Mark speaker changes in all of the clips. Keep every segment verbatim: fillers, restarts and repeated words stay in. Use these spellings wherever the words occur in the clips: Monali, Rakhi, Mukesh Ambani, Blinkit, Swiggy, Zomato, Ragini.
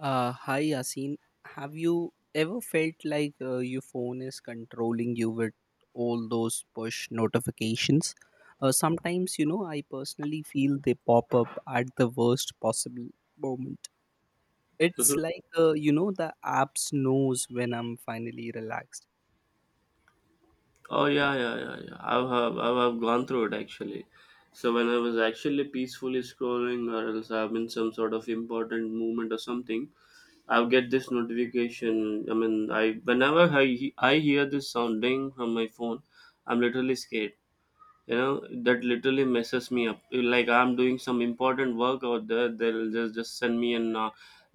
Speaker 1: Uh, hi Yasin, have you ever felt like uh, your phone is controlling you with all those push notifications? Uh, sometimes, you know, I personally feel they pop up at the worst possible moment. It's
Speaker 2: Mhm.
Speaker 1: like, uh, you know, the apps knows when I'm finally relaxed.
Speaker 2: Oh yeah, yeah, yeah, yeah. I've have I've have gone through it actually. So when I was actually peacefully scrolling, or else I am in some sort of important movement or something, I'll get this notification. I mean, I whenever I I hear this sounding on my phone, I'm literally scared. you know that literally messes me up. Like, I'm doing some important work out there, they'll just just send me an uh,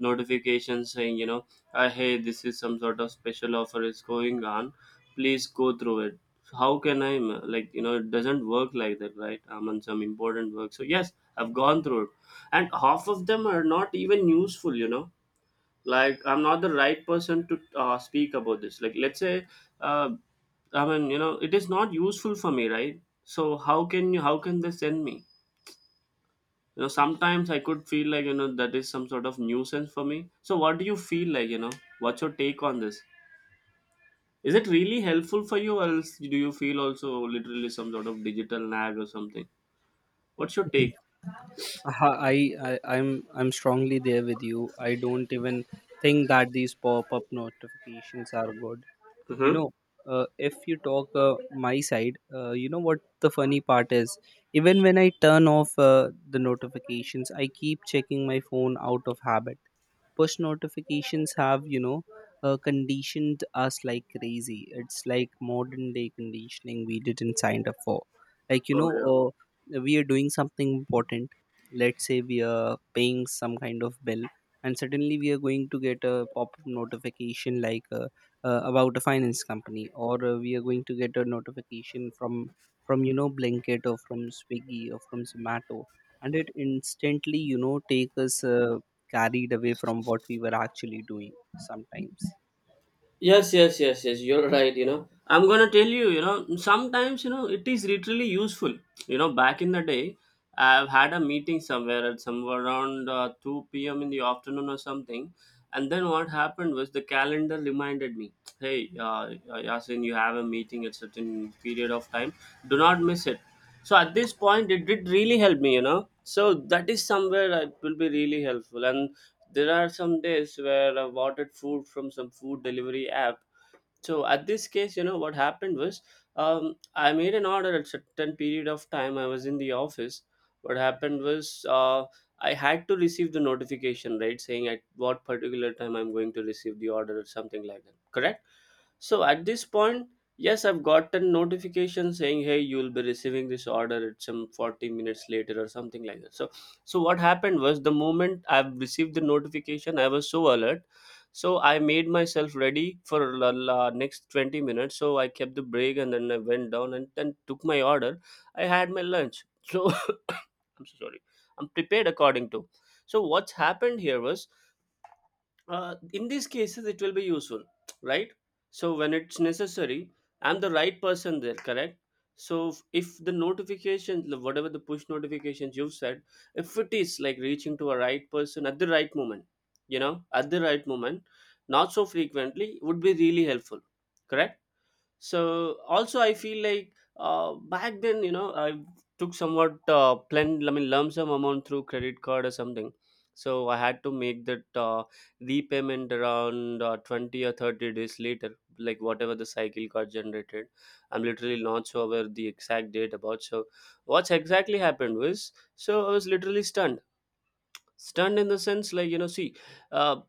Speaker 2: notification saying, you know uh, hey, this is some sort of special offer is going on, please go through it. How can I ma- like, you know, it doesn't work like that, right? I'm on some important work, so yes, I've gone through it. And half of them are not even useful, you know. Like, I'm not the right person to uh, speak about this. Like, let's say, uh, i mean you know, it is not useful for me, right? So how can you how can they send me? You know, sometimes I could feel like, you know, that is some sort of nuisance for me. So what do you feel like, you know, what's your take on this? Is it really helpful for you, or else do you feel also literally some sort of digital nag or something? What's your take?
Speaker 1: Uh, I, I I'm I'm strongly there with you. I don't even think that these pop-up notifications are good. You
Speaker 2: Mm-hmm.
Speaker 1: know, uh, if you talk uh, my side, uh, you know what the funny part is? Even when I turn off uh, the notifications, I keep checking my phone out of habit. Push notifications have, you know, uh, conditioned us like crazy. It's like modern day conditioning we didn't sign up for. Like, you
Speaker 2: Oh
Speaker 1: know,
Speaker 2: yeah.
Speaker 1: uh, we are doing something important. Let's say we are paying some kind of bill, and suddenly we are going to get a pop-up notification like, uh, uh, about a finance company, or uh, we are going to get a notification from from you know, Blinkit or from Swiggy or from Zomato, and it instantly, you know, take us uh, carried away from what we were actually doing sometimes.
Speaker 2: Yes, yes, yes, yes. You're right. You know, I'm gonna tell you. You know, sometimes, you know, it is literally useful. You know, back in the day, I've had a meeting somewhere at somewhere around uh, two p m in the afternoon or something, and then what happened was the calendar reminded me, "Hey, uh, uh, Yasin, you have a meeting at certain period of time. Do not miss it." So at this point, it did really help me. You know, so that is somewhere that will be really helpful, and there are some days where I've ordered food from some food delivery app. So at this case, you know what happened was, um, I made an order at certain period of time. I was in the office. What happened was, uh, I had to receive the notification, right, saying at what particular time I'm going to receive the order or something like that, correct? So at this point, yes, I've gotten notification saying, hey, you'll be receiving this order at some forty minutes later or something like that. So so what happened was the moment I've received the notification, I was so alert. So I made myself ready for la, la next twenty minutes. So I kept the break and then I went down and then took my order. I had my lunch. So I'm so sorry. I'm prepared according to. So what's happened here was, uh, in these cases it will be useful, right? So when it's necessary, I'm the right person there, correct? So if if the notification the- whatever the push notifications you've said, if it is like reaching to a right person at the right moment, you know, at the right moment, not so frequently, would be really helpful, correct? So also, I feel like, uh, back then, you know, I took somewhat uh, plan, I mean, lump sum amount through credit card or something. So I had to make that uh, repayment around uh, twenty or thirty days later, like whatever the cycle got generated. I'm literally not sure where the exact date about. So what's exactly happened was, so I was literally stunned. Stunned in the sense, like, you know, see, uh,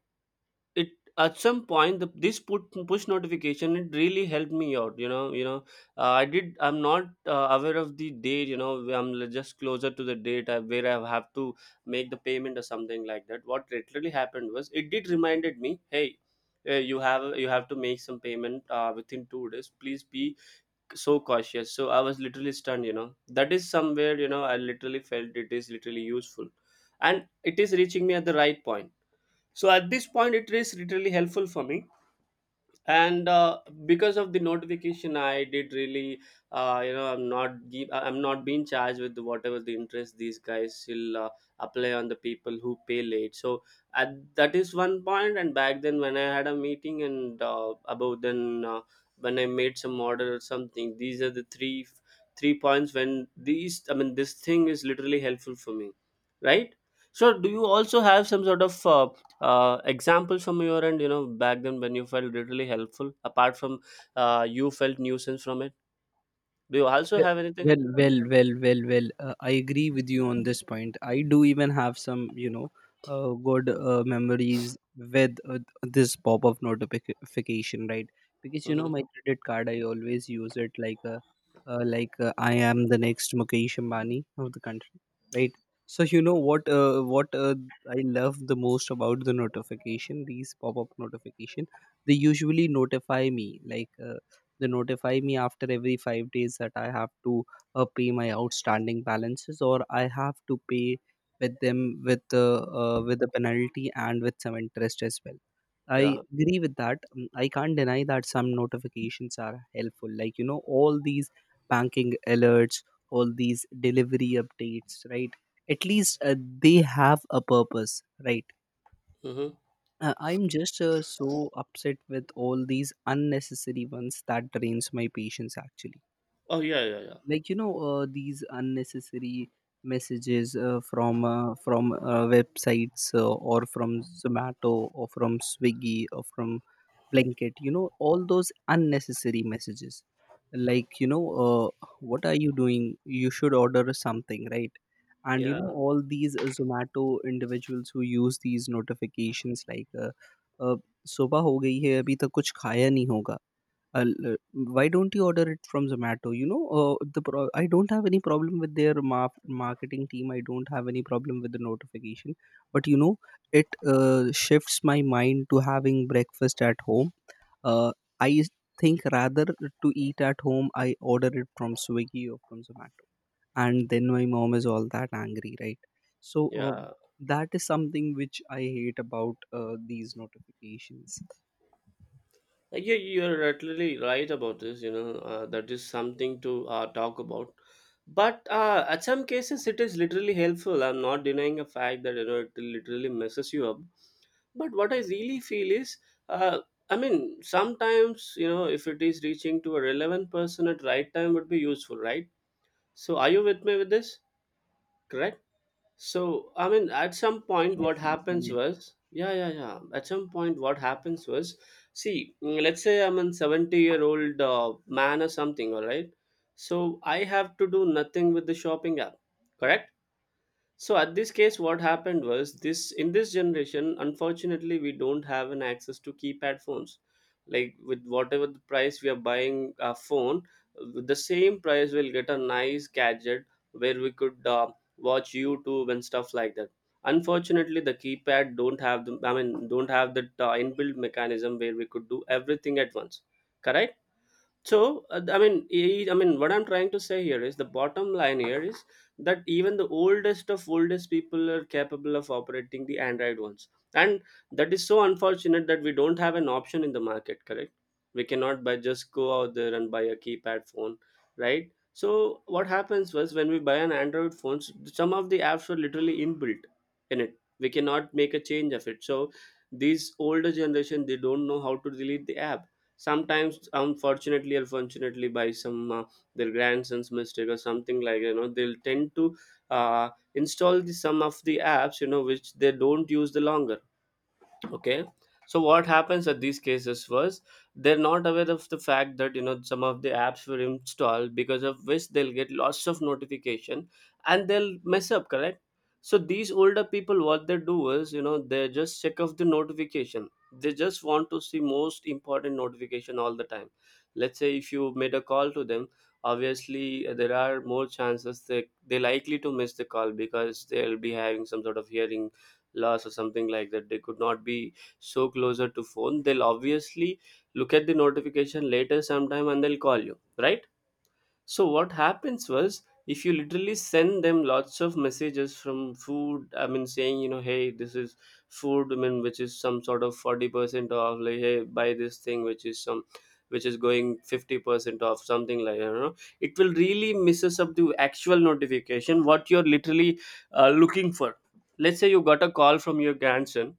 Speaker 2: it at some point the, this put push notification, it really helped me out. You know, you know uh, I did. I'm not uh, aware of the date, you know. I'm l- just closer to the date uh, where I have to make the payment or something like that. What literally happened was it did reminded me, hey, uh, you have you have to make some payment uh, within two days, please be so cautious. So I was literally stunned. You know, that is somewhere, you know, I literally felt it is literally useful and it is reaching me at the right point. So at this point, it is really helpful for me. And uh, because of the notification, I did really uh, you know, i'm not give, I'm not being charged with whatever the interest these guys will uh, apply on the people who pay late. So at, that is one point. And back then, when I had a meeting, and uh, about then uh, when I made some order or something, these are the three three points when these, I mean, this thing is literally helpful for me, right? So do you also have some sort of uh, uh, examples from your end, you know, back then when you felt really helpful, apart from uh, you felt nuisance from it? Do you also
Speaker 1: Well,
Speaker 2: have anything?
Speaker 1: well, well, well, well. well, Uh, I agree with you on this point. I do even have some, you know, uh, good uh, memories with uh, this pop-up notification, right? Because you know,
Speaker 2: Mm-hmm.
Speaker 1: my credit card, I always use it like, a, uh, like uh, I am the next Mukesh Ambani of the country, right? So you know what? Uh, what uh, I love the most about the notification, these pop-up notification, they usually notify me like. Uh, they notify me after every five days that I have to uh, pay my outstanding balances, or I have to pay with them with uh, uh, with a penalty and with some interest as well. I
Speaker 2: Yeah.
Speaker 1: agree with that. Mm, I can't deny that some notifications are helpful. Like, you know, all these banking alerts, all these delivery updates, right? At least uh, they have a purpose, right?
Speaker 2: Mm-hmm.
Speaker 1: Uh, I'm just uh, so upset with all these unnecessary ones that drains my patience actually.
Speaker 2: Oh yeah, yeah, yeah,
Speaker 1: Like, you know, uh, these unnecessary messages uh, from uh, from uh, websites, uh, or from Zomato or from Swiggy or from blanket, you know, all those unnecessary messages, like, you know, uh, what are you doing, you should order something, right? And you
Speaker 2: yeah,
Speaker 1: know all these uh, Zomato individuals who use these notifications like, uh, uh, सुबह हो गई है अभी तक कुछ खाया नहीं होगा. I'll, uh, why don't you order it from Zomato? You know, uh, the pro- I don't have any problem with their ma- marketing team. I don't have any problem with the notification, but you know, it uh, shifts my mind to having breakfast at home. Uh, I think rather to eat at home, I order it from Swiggy or from Zomato, and then my mom is all that angry, right? So uh,
Speaker 2: yeah.
Speaker 1: that is something which I hate about uh, these notifications.
Speaker 2: Like, yeah, you, you're totally right about this, you know. Uh, that is something to uh, talk about, but uh, at some cases it is literally helpful. I'm not denying a fact that, you know, it literally messes you up. But what I really feel is, uh, I mean, sometimes, you know, if it is reaching to a relevant person at right time would be useful, right? So are you with me with this? Correct? So, I mean, at some point,
Speaker 1: Yes,
Speaker 2: what
Speaker 1: yes,
Speaker 2: happens
Speaker 1: I
Speaker 2: was, yeah, yeah, yeah. At some point, what happens was, see, mm, let's say I'm a seventy year old uh, man or something, all right? So I have to do nothing with the shopping app, correct? So at this case, what happened was this in this generation, unfortunately, we don't have an access to keypad phones. Like, with whatever the price we are buying a phone, with the same price we'll get a nice gadget where we could uh, watch YouTube and stuff like that. Unfortunately, the keypad don't have the I mean don't have that uh, inbuilt mechanism where we could do everything at once. Correct? So uh, i mean eh, I mean what I'm trying to say here is the bottom line here is that even the oldest of oldest people are capable of operating the Android ones, and that is so unfortunate that we don't have an option in the market, correct? We cannot buy, just go out there and buy a keypad phone, right? So what happens was when we buy an Android phone, s- some of the apps were literally inbuilt in it. We cannot make a change of it. So these older generation, they don't know how to delete the app. Sometimes, unfortunately or fortunately, by some uh, their grandson's mistake or something, like, you know, they'll tend to uh, install the, some of the apps, you know, which they don't use the longer, okay? So what happens at these cases was they're not aware of the fact that, you know, some of the apps were installed because of which they'll get lots of notification and they'll mess up, correct? So these older people, what they do is, you know, they just check off the notification. They just want to see most important notification all the time. Let's say if you made a call to them, obviously, uh, there are more chances they they likely to miss the call because they'll be having some sort of hearing loss or something like that. They could not be so closer to phone. They'll obviously look at the notification later sometime and they'll call you, right? So what happens was if you literally send them lots of messages from food, I mean saying, you know, hey, this is food, I mean, which is some sort of forty percent off, like, hey, buy this thing, which is some, which is going fifty percent off, something like that, you know, it will really misses up the actual notification, what you're literally uh, looking for. Let's say you got a call from your grandson,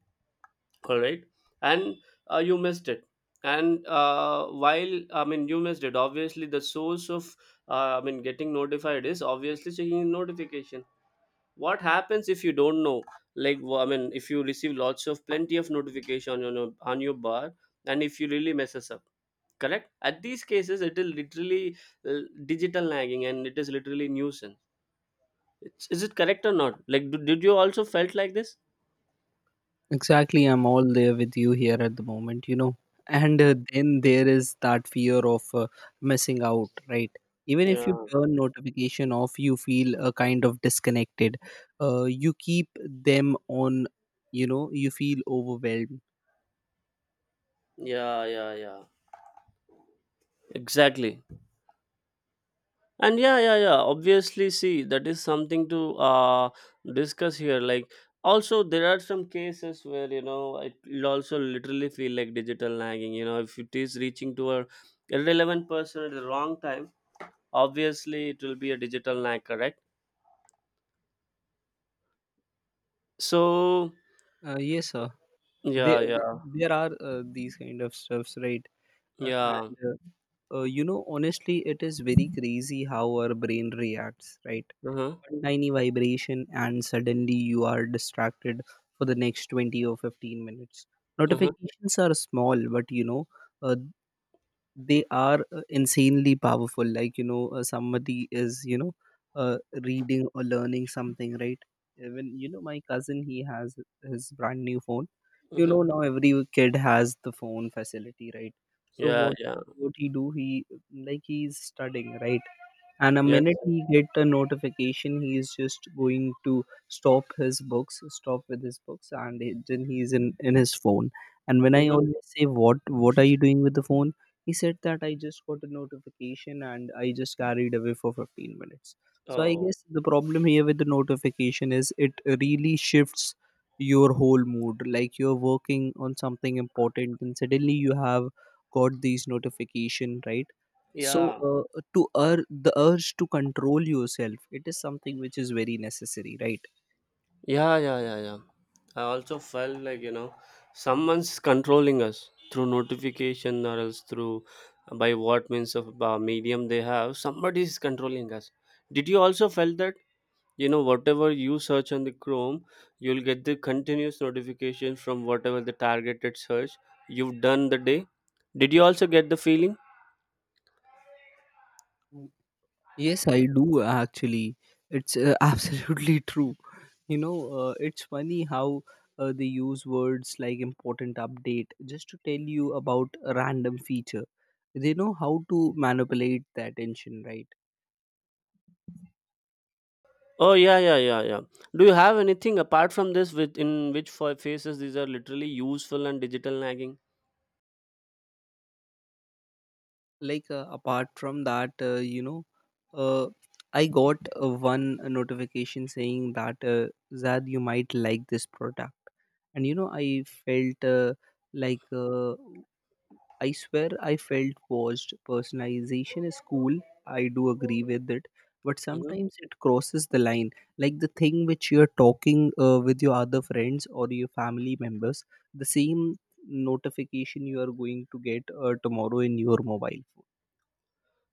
Speaker 2: all right? And uh, you missed it. And uh, while I mean you missed it. Obviously, the source of uh, i mean getting notified is obviously checking notification. What happens if you don't know, like wh- i mean if you receive lots of plenty of notification on your no- on your bar, and if you really messes up, correct? At these cases, it is literally uh, digital nagging, and it is literally nuisance. It's, is it correct or not? Like, do, did you also felt like this?
Speaker 1: exactly, I'm all there with you here at the moment, you know. And uh, then there is that fear of uh, missing out, right? Even if
Speaker 2: Yeah,
Speaker 1: you turn notification off, you feel a kind of disconnected. Uh, you keep them on, you know. You feel overwhelmed.
Speaker 2: yeah, yeah, yeah, exactly. And yeah, yeah, yeah, obviously, see, that is something to uh discuss here. Like, also there are some cases where, you know, it will also literally feel like digital nagging, you know, if it is reaching to a irrelevant person at the wrong time, obviously it will be a digital nag, correct? So
Speaker 1: Uh, yes, sir. There,
Speaker 2: yeah, yeah,
Speaker 1: there are uh, these kind of stuffs, right? Uh,
Speaker 2: yeah.
Speaker 1: and uh, uh, you know, honestly, it is very crazy how our brain reacts, right?
Speaker 2: Uh-huh.
Speaker 1: One tiny vibration and suddenly you are distracted for the next twenty or fifteen minutes.
Speaker 2: Uh-huh.
Speaker 1: Notifications are small, but you know, uh, they are uh, insanely powerful. Like, you know, uh, somebody is, you know, uh, reading or learning something, right? Even, you know, my cousin, he has his brand new phone. You know,
Speaker 2: Uh-huh.
Speaker 1: now every kid has the phone facility, right? So
Speaker 2: Yeah,
Speaker 1: what
Speaker 2: yeah.
Speaker 1: what he do he like, he's studying, right? And a
Speaker 2: Yes.
Speaker 1: minute he get a notification, he is just going to stop his books, stop with his books and he- then he's in in his phone. And when I
Speaker 2: Mm-hmm.
Speaker 1: always say, what what are you doing with the phone? He said that I just got a notification and I just carried away for fifteen minutes. So I
Speaker 2: oh
Speaker 1: guess the problem here with the notification is it really shifts your whole mood. Like, you're working on something important and suddenly you have got these notification, right? So,
Speaker 2: yeah
Speaker 1: uh, to ur- the urge to control yourself, it is something which is very necessary, right?
Speaker 2: Yeah, yeah, yeah, yeah. I also felt like, you know, someone's controlling us through notification or else through uh, by what means of uh, medium they have. Somebody is controlling us. Did you also felt that? You know, whatever you search on the Chrome, you'll get the continuous notification from whatever the targeted search you've done the day. Did you also get the feeling?
Speaker 1: Mm. Yes, I do actually. It's uh, absolutely true. You know, uh, it's funny how uh, they use words like important update just to tell you about a random feature. They know how to manipulate the attention, right?
Speaker 2: Oh yeah, yeah, yeah, yeah. Do you have anything apart from this with in which fa- phases these are literally useful and digital nagging?
Speaker 1: Like, uh, apart from that, uh, you know, uh, I got uh, one notification saying that uh, zad, you might like this product. And you know, I felt, uh, like uh, I swear I felt watched. Personalization is cool, I do agree with it, but
Speaker 2: Mhm.
Speaker 1: sometimes it crosses the line. Like the thing which you're talking uh, with your other friends or your family members, the same notification you are going to get uh, tomorrow in your mobile phone.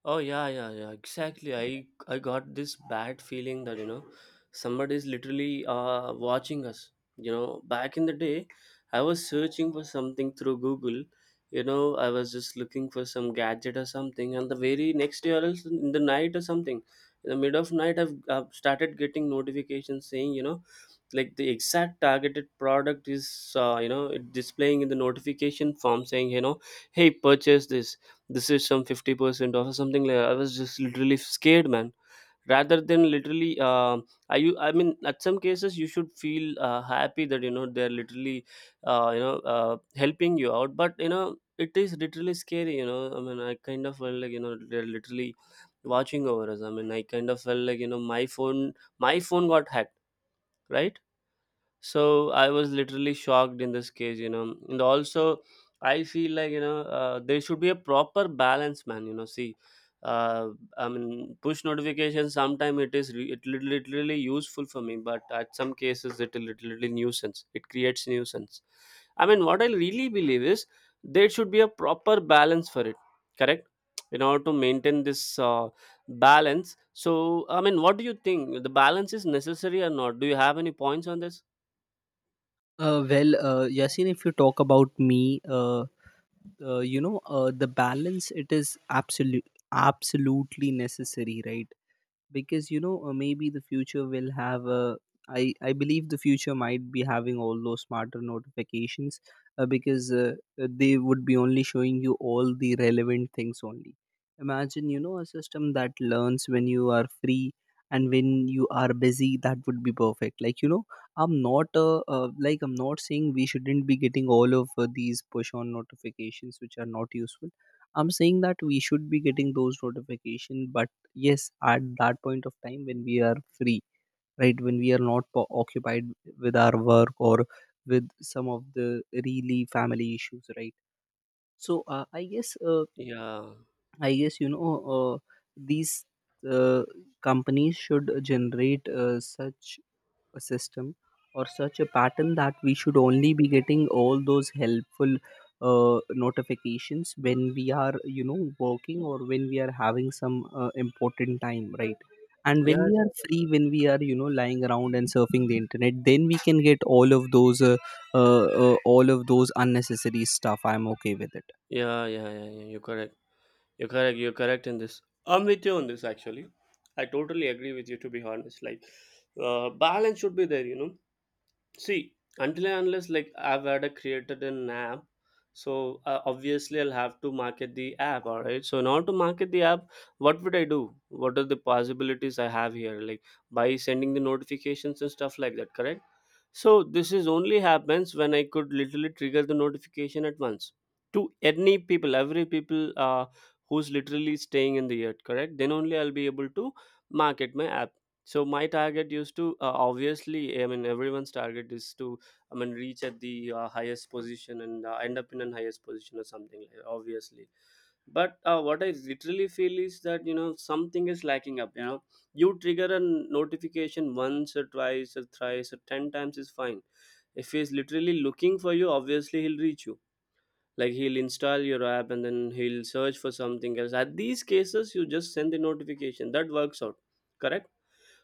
Speaker 2: Oh yeah, yeah, yeah. Exactly. I I got this bad feeling that you know somebody is literally uh watching us. You know, back in the day, I was searching for something through Google. You know, I was just looking for some gadget or something, and the very next day, or else in the night or something, in the mid of night, I've, I've started getting notifications saying, you know, like the exact targeted product is uh, you know it displaying in the notification form saying you know hey purchase this, this is some fifty percent off or something like that. I was just literally scared, man. Rather than literally um i you i mean at some cases you should feel uh, happy that you know they're literally uh, you know uh, helping you out, but you know it is literally scary. you know I mean, I kind of felt like you know they're literally watching over us. I mean, I kind of felt like you know my phone my phone got hacked, right? So I was literally shocked in this case, you know. And also, I feel like you know uh, there should be a proper balance, man. You know, see, uh, I mean, push notifications. Sometimes it is re- it lit- literally useful for me, but at some cases it is literally nuisance. It creates nuisance. I mean, what I really believe is there should be a proper balance for it. Correct. In order to maintain this uh, balance. So, I mean, what do you think? The balance is necessary or not? Do you have any points on this?
Speaker 1: uh, well uh, Yasin, if you talk about me, uh, uh, you know, uh, the balance, it is absolute absolutely necessary, right? Because you know, uh, maybe the future will have a. I I believe the future might be having all those smarter notifications, uh, because uh, uh, they would be only showing you all the relevant things only. Imagine, you know, a system that learns when you are free and when you are busy. That would be perfect. Like, you know, I'm not uh, uh, like, I'm not saying we shouldn't be getting all of uh, these push on notifications which are not useful. I'm saying that we should be getting those notifications, yes, at that point of time when we are free, right? When we are not po- occupied with our work or with some of the really family issues, right? So uh, i guess uh,
Speaker 2: Yeah.
Speaker 1: i guess you know, uh, these uh, companies should generate uh, such a system or such a pattern that we should only be getting all those helpful uh, notifications when we are, you know, working or when we are having some uh, important time, right? And
Speaker 2: Yes.
Speaker 1: when we are
Speaker 2: Yes, yes.
Speaker 1: free, when we are, you know, lying around and surfing the internet, then we can get all of those uh, uh, uh, all of those unnecessary stuff, I'm okay with it.
Speaker 2: Yeah, yeah, yeah, yeah. You're correct. You're correct. You're correct in this. I'm with you on this actually. I totally agree with you, to be honest. Like, uh, balance should be there, you know. See, until and unless like I've had a created an app, so uh, obviously I'll have to market the app. All right. So in order to market the app, what would I do? What are the possibilities I have here? Like, by sending the notifications and stuff like that. Correct. So this is only happens when I could literally trigger the notification at once to any people, every people uh, who's literally staying in the earth. Correct. Then only I'll be able to market my app. So my target used to uh, obviously, I mean, everyone's target is to, I mean, reach at the uh, highest position and uh, end up in an highest position or something like that, obviously. But uh, what I literally feel is that you know something is lacking up. You know, you trigger a notification once or twice or thrice or ten times is fine. If he's literally looking for you, obviously he'll reach you. Like, he'll install your app and then he'll search for something else. At these cases, you just send the notification, that works out. Correct.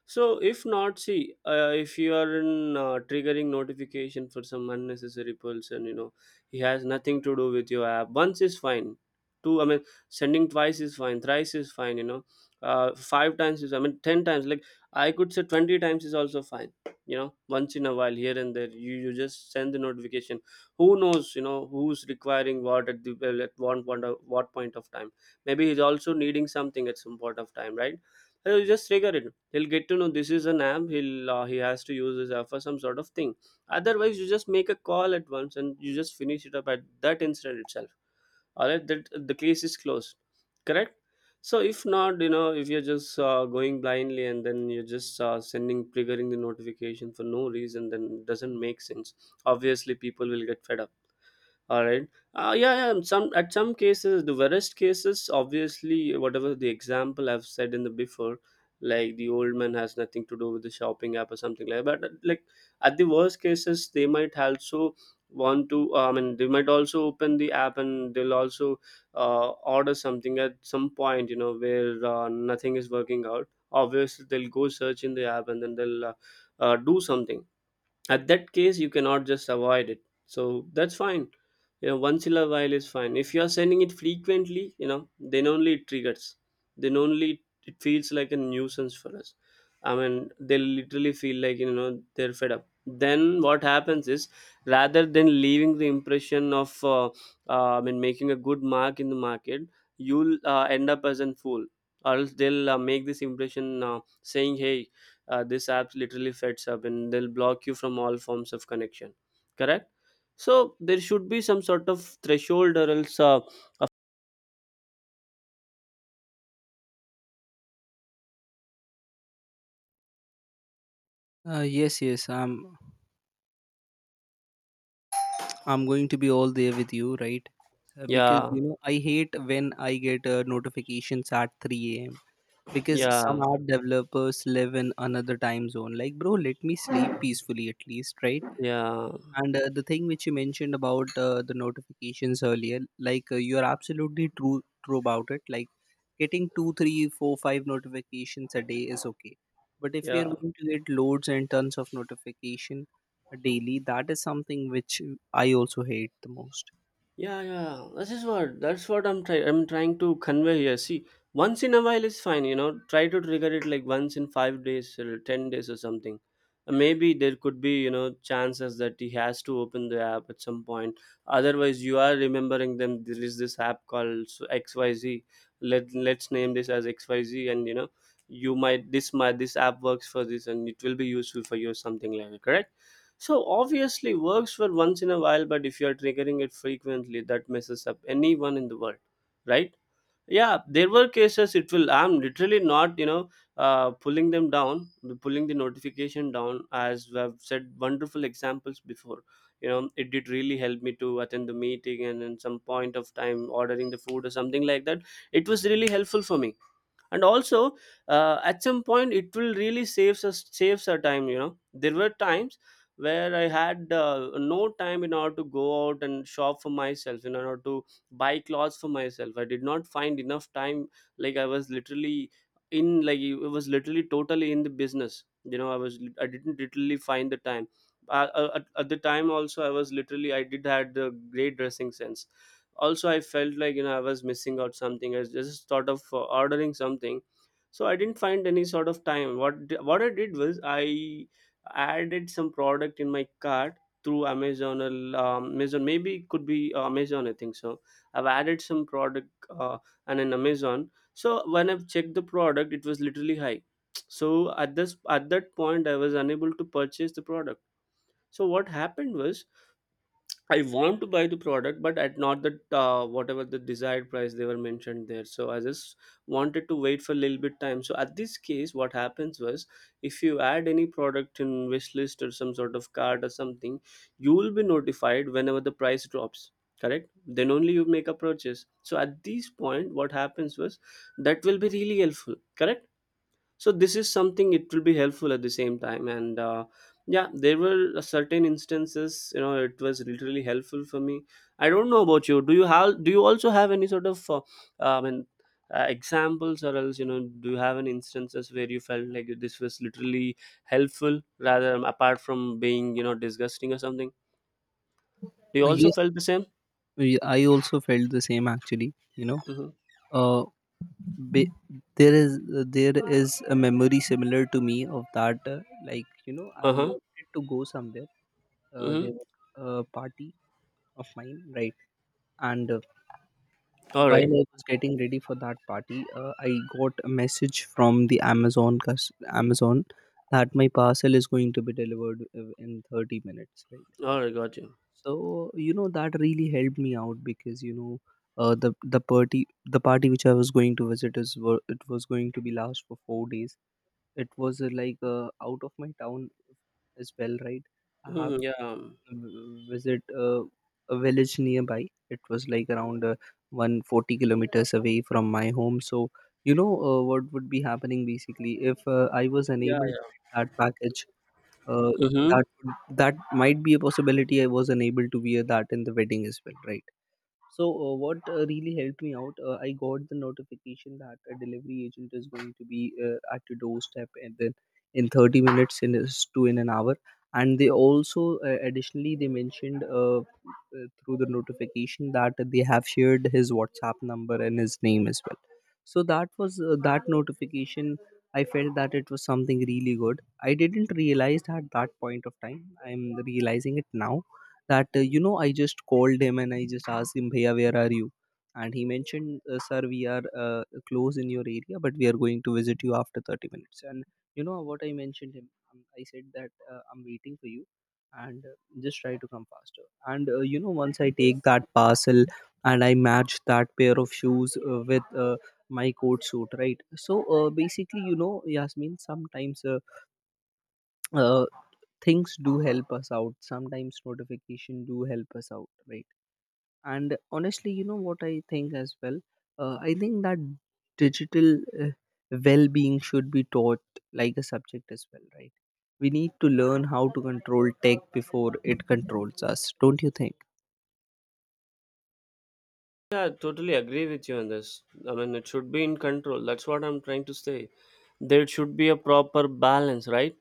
Speaker 2: So if not, see, uh, if you are in uh, triggering notification for some unnecessary person, you know, he has nothing to do with your app. Once is fine. Two, I mean, sending twice is fine. Thrice is fine. You know, uh, five times is. I mean, ten times. Like, I could say twenty times is also fine. You know, once in a while, here and there, you you just send the notification. Who knows? You know, who's requiring what at the well, at one point of, what point of time? Maybe he's also needing something at some point of time, right? So you just trigger it, he'll get to know this is an app, he'll uh, he has to use this app for some sort of thing. Otherwise, you just make a call at once and you just finish it up at that instant itself. All right, that the case is closed. Correct. So if not, you know, if you're just uh, going blindly and then you're just uh, sending triggering the notification for no reason, then it doesn't make sense. Obviously, people will get fed up. All right. Uh, yeah, yeah, um, some at some cases the worst cases, obviously whatever the example I've said in the before, like the old man has nothing to do with the shopping app or something like that. But like, at the worst cases, they might also want to uh, I mean, they might also open the app and they'll also uh, order something at some point. You know, where uh, nothing is working out, obviously they'll go search in the app and then they'll uh, uh, do something. At that case, you cannot just avoid it. So that's fine. You know, once in a while is fine. If you are sending it frequently, you know, then only it triggers, then only it feels like a nuisance for us. I mean, they literally feel like you know they're fed up. Then what happens is, rather than leaving the impression of uh, uh, I mean, making a good mark in the market, you'll uh, end up as a fool, or else they'll uh, make this impression uh, saying, hey, uh, this app literally feds up, and they'll block you from all forms of connection. Correct. So there should be some sort of threshold or else uh,
Speaker 1: Uh, yes yes i'm i'm going to be all there with you, right? Uh, because
Speaker 2: yeah,
Speaker 1: you know, I hate when I get uh, notifications at three a.m. because some
Speaker 2: yeah,
Speaker 1: app developers live in another time zone. Like, bro, let me sleep peacefully at least, right?
Speaker 2: yeah,
Speaker 1: And uh, the thing which you mentioned about uh, the notifications earlier, like, uh, you are absolutely true true about it. Like, getting two three four five notifications a day is okay, but if we are
Speaker 2: yeah.
Speaker 1: going to get loads and tons of notification daily, that is something which I also hate the most.
Speaker 2: Yeah, yeah. This is what, that's what I'm trying. I'm trying to convey here. See, once in a while is fine. You know, try to trigger it like once in five days or ten days or something. Uh, Maybe there could be you know chances that he has to open the app at some point. Otherwise, you are remembering them. There is this app called so X Y Z. Let let's name this as X Y Z, and you know, you might this might this app works for this, and it will be useful for you or something like that. Correct? So obviously works for once in a while, but if you are triggering it frequently, that messes up anyone in the world, right? Yeah, there were cases it will. I'm literally not, you know, uh, pulling them down, pulling the notification down. As I've said, wonderful examples before. You know, it did really help me to attend the meeting and in some point of time ordering the food or something like that. It was really helpful for me. And also, uh, at some point it will really saves us, saves our time. You know, there were times where I had uh, no time in order to go out and shop for myself, in order to buy clothes for myself. I did not find enough time. Like, I was literally in, like, it was literally totally in the business. You know, i was I didn't literally find the time. uh, uh, at, at the time also, I was literally, I did had the great dressing sense. Also, I felt like you know I was missing out something. I just thought of uh, ordering something. So I didn't find any sort of time. What d- what I did was, I added some product in my cart through Amazon or um, amazon maybe it could be uh, Amazon, I think so. I've added some product uh, and in Amazon. So when I've checked the product, it was literally high. So at this at that point, I was unable to purchase the product. So what happened was, I want to buy the product, but at not the uh, whatever the desired price they were mentioned there. So I just wanted to wait for a little bit time. So at this case, what happens was, if you add any product in wish list or some sort of card or something, you will be notified whenever the price drops. Correct. Then only you make a purchase. So at this point, what happens was, that will be really helpful. Correct. So this is something it will be helpful at the same time. And uh, yeah, there were certain instances you know it was literally helpful for me. I don't know about you. Do you have, do you also have any sort of uh, I mean, uh, examples or else you know, do you have any instances where you felt like this was literally helpful rather um, apart from being you know disgusting or something? Do you
Speaker 1: Uh,
Speaker 2: also
Speaker 1: yes,
Speaker 2: felt the same?
Speaker 1: we- I also felt the same actually. You know,
Speaker 2: Mm-hmm.
Speaker 1: uh, Ba- there is, there is a memory similar to me of that, uh, like, you know, I
Speaker 2: Uh-huh.
Speaker 1: wanted to go somewhere. Uh,
Speaker 2: Mm-hmm.
Speaker 1: there was a party of mine, right? And uh,
Speaker 2: All
Speaker 1: while
Speaker 2: right.
Speaker 1: I was getting ready for that party, uh, I got a message from the amazon cus- Amazon that my parcel is going to be delivered uh, in thirty minutes, right?
Speaker 2: All right. Got you.
Speaker 1: So you know, that really helped me out because, you know, uh, the the party, the party which I was going to visit is were- it was going to be last for four days. It was uh, like uh, out of my town as well, right? I have
Speaker 2: Mm-hmm. Yeah.
Speaker 1: to v- visit uh, a village nearby. It was like around uh, one hundred forty kilometers away from my home. So you know, uh, what would be happening basically if uh, I was
Speaker 2: Yeah,
Speaker 1: unable to
Speaker 2: yeah.
Speaker 1: get that package, uh,
Speaker 2: Mhm.
Speaker 1: that would, that might be a possibility, I was unable to wear that in the wedding as well, right? So uh, what uh, really helped me out, uh, I got the notification that a delivery agent is going to be uh, at your doorstep, and then in thirty minutes, in is- to in an hour. And they also, uh, additionally, they mentioned uh, uh, through the notification that they have shared his WhatsApp number and his name as well. So that was uh, that notification. I felt that it was something really good. I didn't realize at that point of time. I'm realizing it now that uh, you know, I just called him and I just asked him, bhaiya, where are you? And he mentioned, uh, sir, we are uh, close in your area, but we are going to visit you after thirty minutes. And you know what I mentioned him, um, I said that, uh, I'm waiting for you, and uh, just try to come faster. And uh, you know, once I take that parcel and I match that pair of shoes uh, with uh, my coat suit, right? So uh, basically, you know, Yasmin, sometimes uh, uh, things do help us out, sometimes notification do help us out, right? And honestly, you know what I think as well, uh, I think that digital uh, well-being should be taught like a subject as well, right? We need to learn how to control tech before it controls us, don't you think?
Speaker 2: Yeah, I totally agree with you on this. I mean, it should be in control. That's what I'm trying to say. There should be a proper balance, right?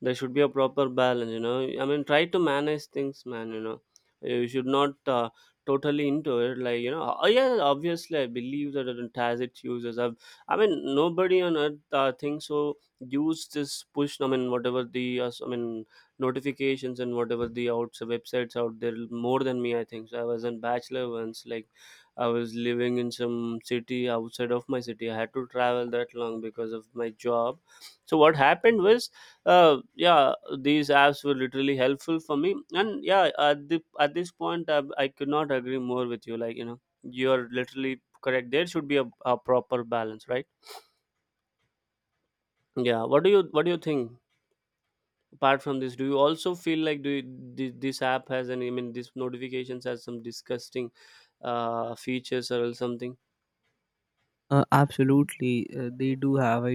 Speaker 2: There should be a proper balance, you know. I mean, try to manage things, man, you know. You should not uh, totally into it. Like, you know, oh, yeah, obviously, I believe that it has its users. I've, I mean, nobody on earth uh, thinks so. Use this push, I mean, whatever the, uh, I mean, notifications and whatever the outs websites out there more than me, I think. So I was in bachelor once, like, I was living in some city outside of my city. I had to travel that long because of my job. So what happened was, uh, yeah, these apps were literally helpful for me. And yeah, at the at this point, I, I could not agree more with you. Like you know, you're literally correct. There should be a, a proper balance, right? Yeah. What do you What do you think? Apart from this, do you also feel like do you, thi- this app has any? I mean, this notifications has some disgusting uh, features or else something?
Speaker 1: uh, Absolutely, uh, they do have, I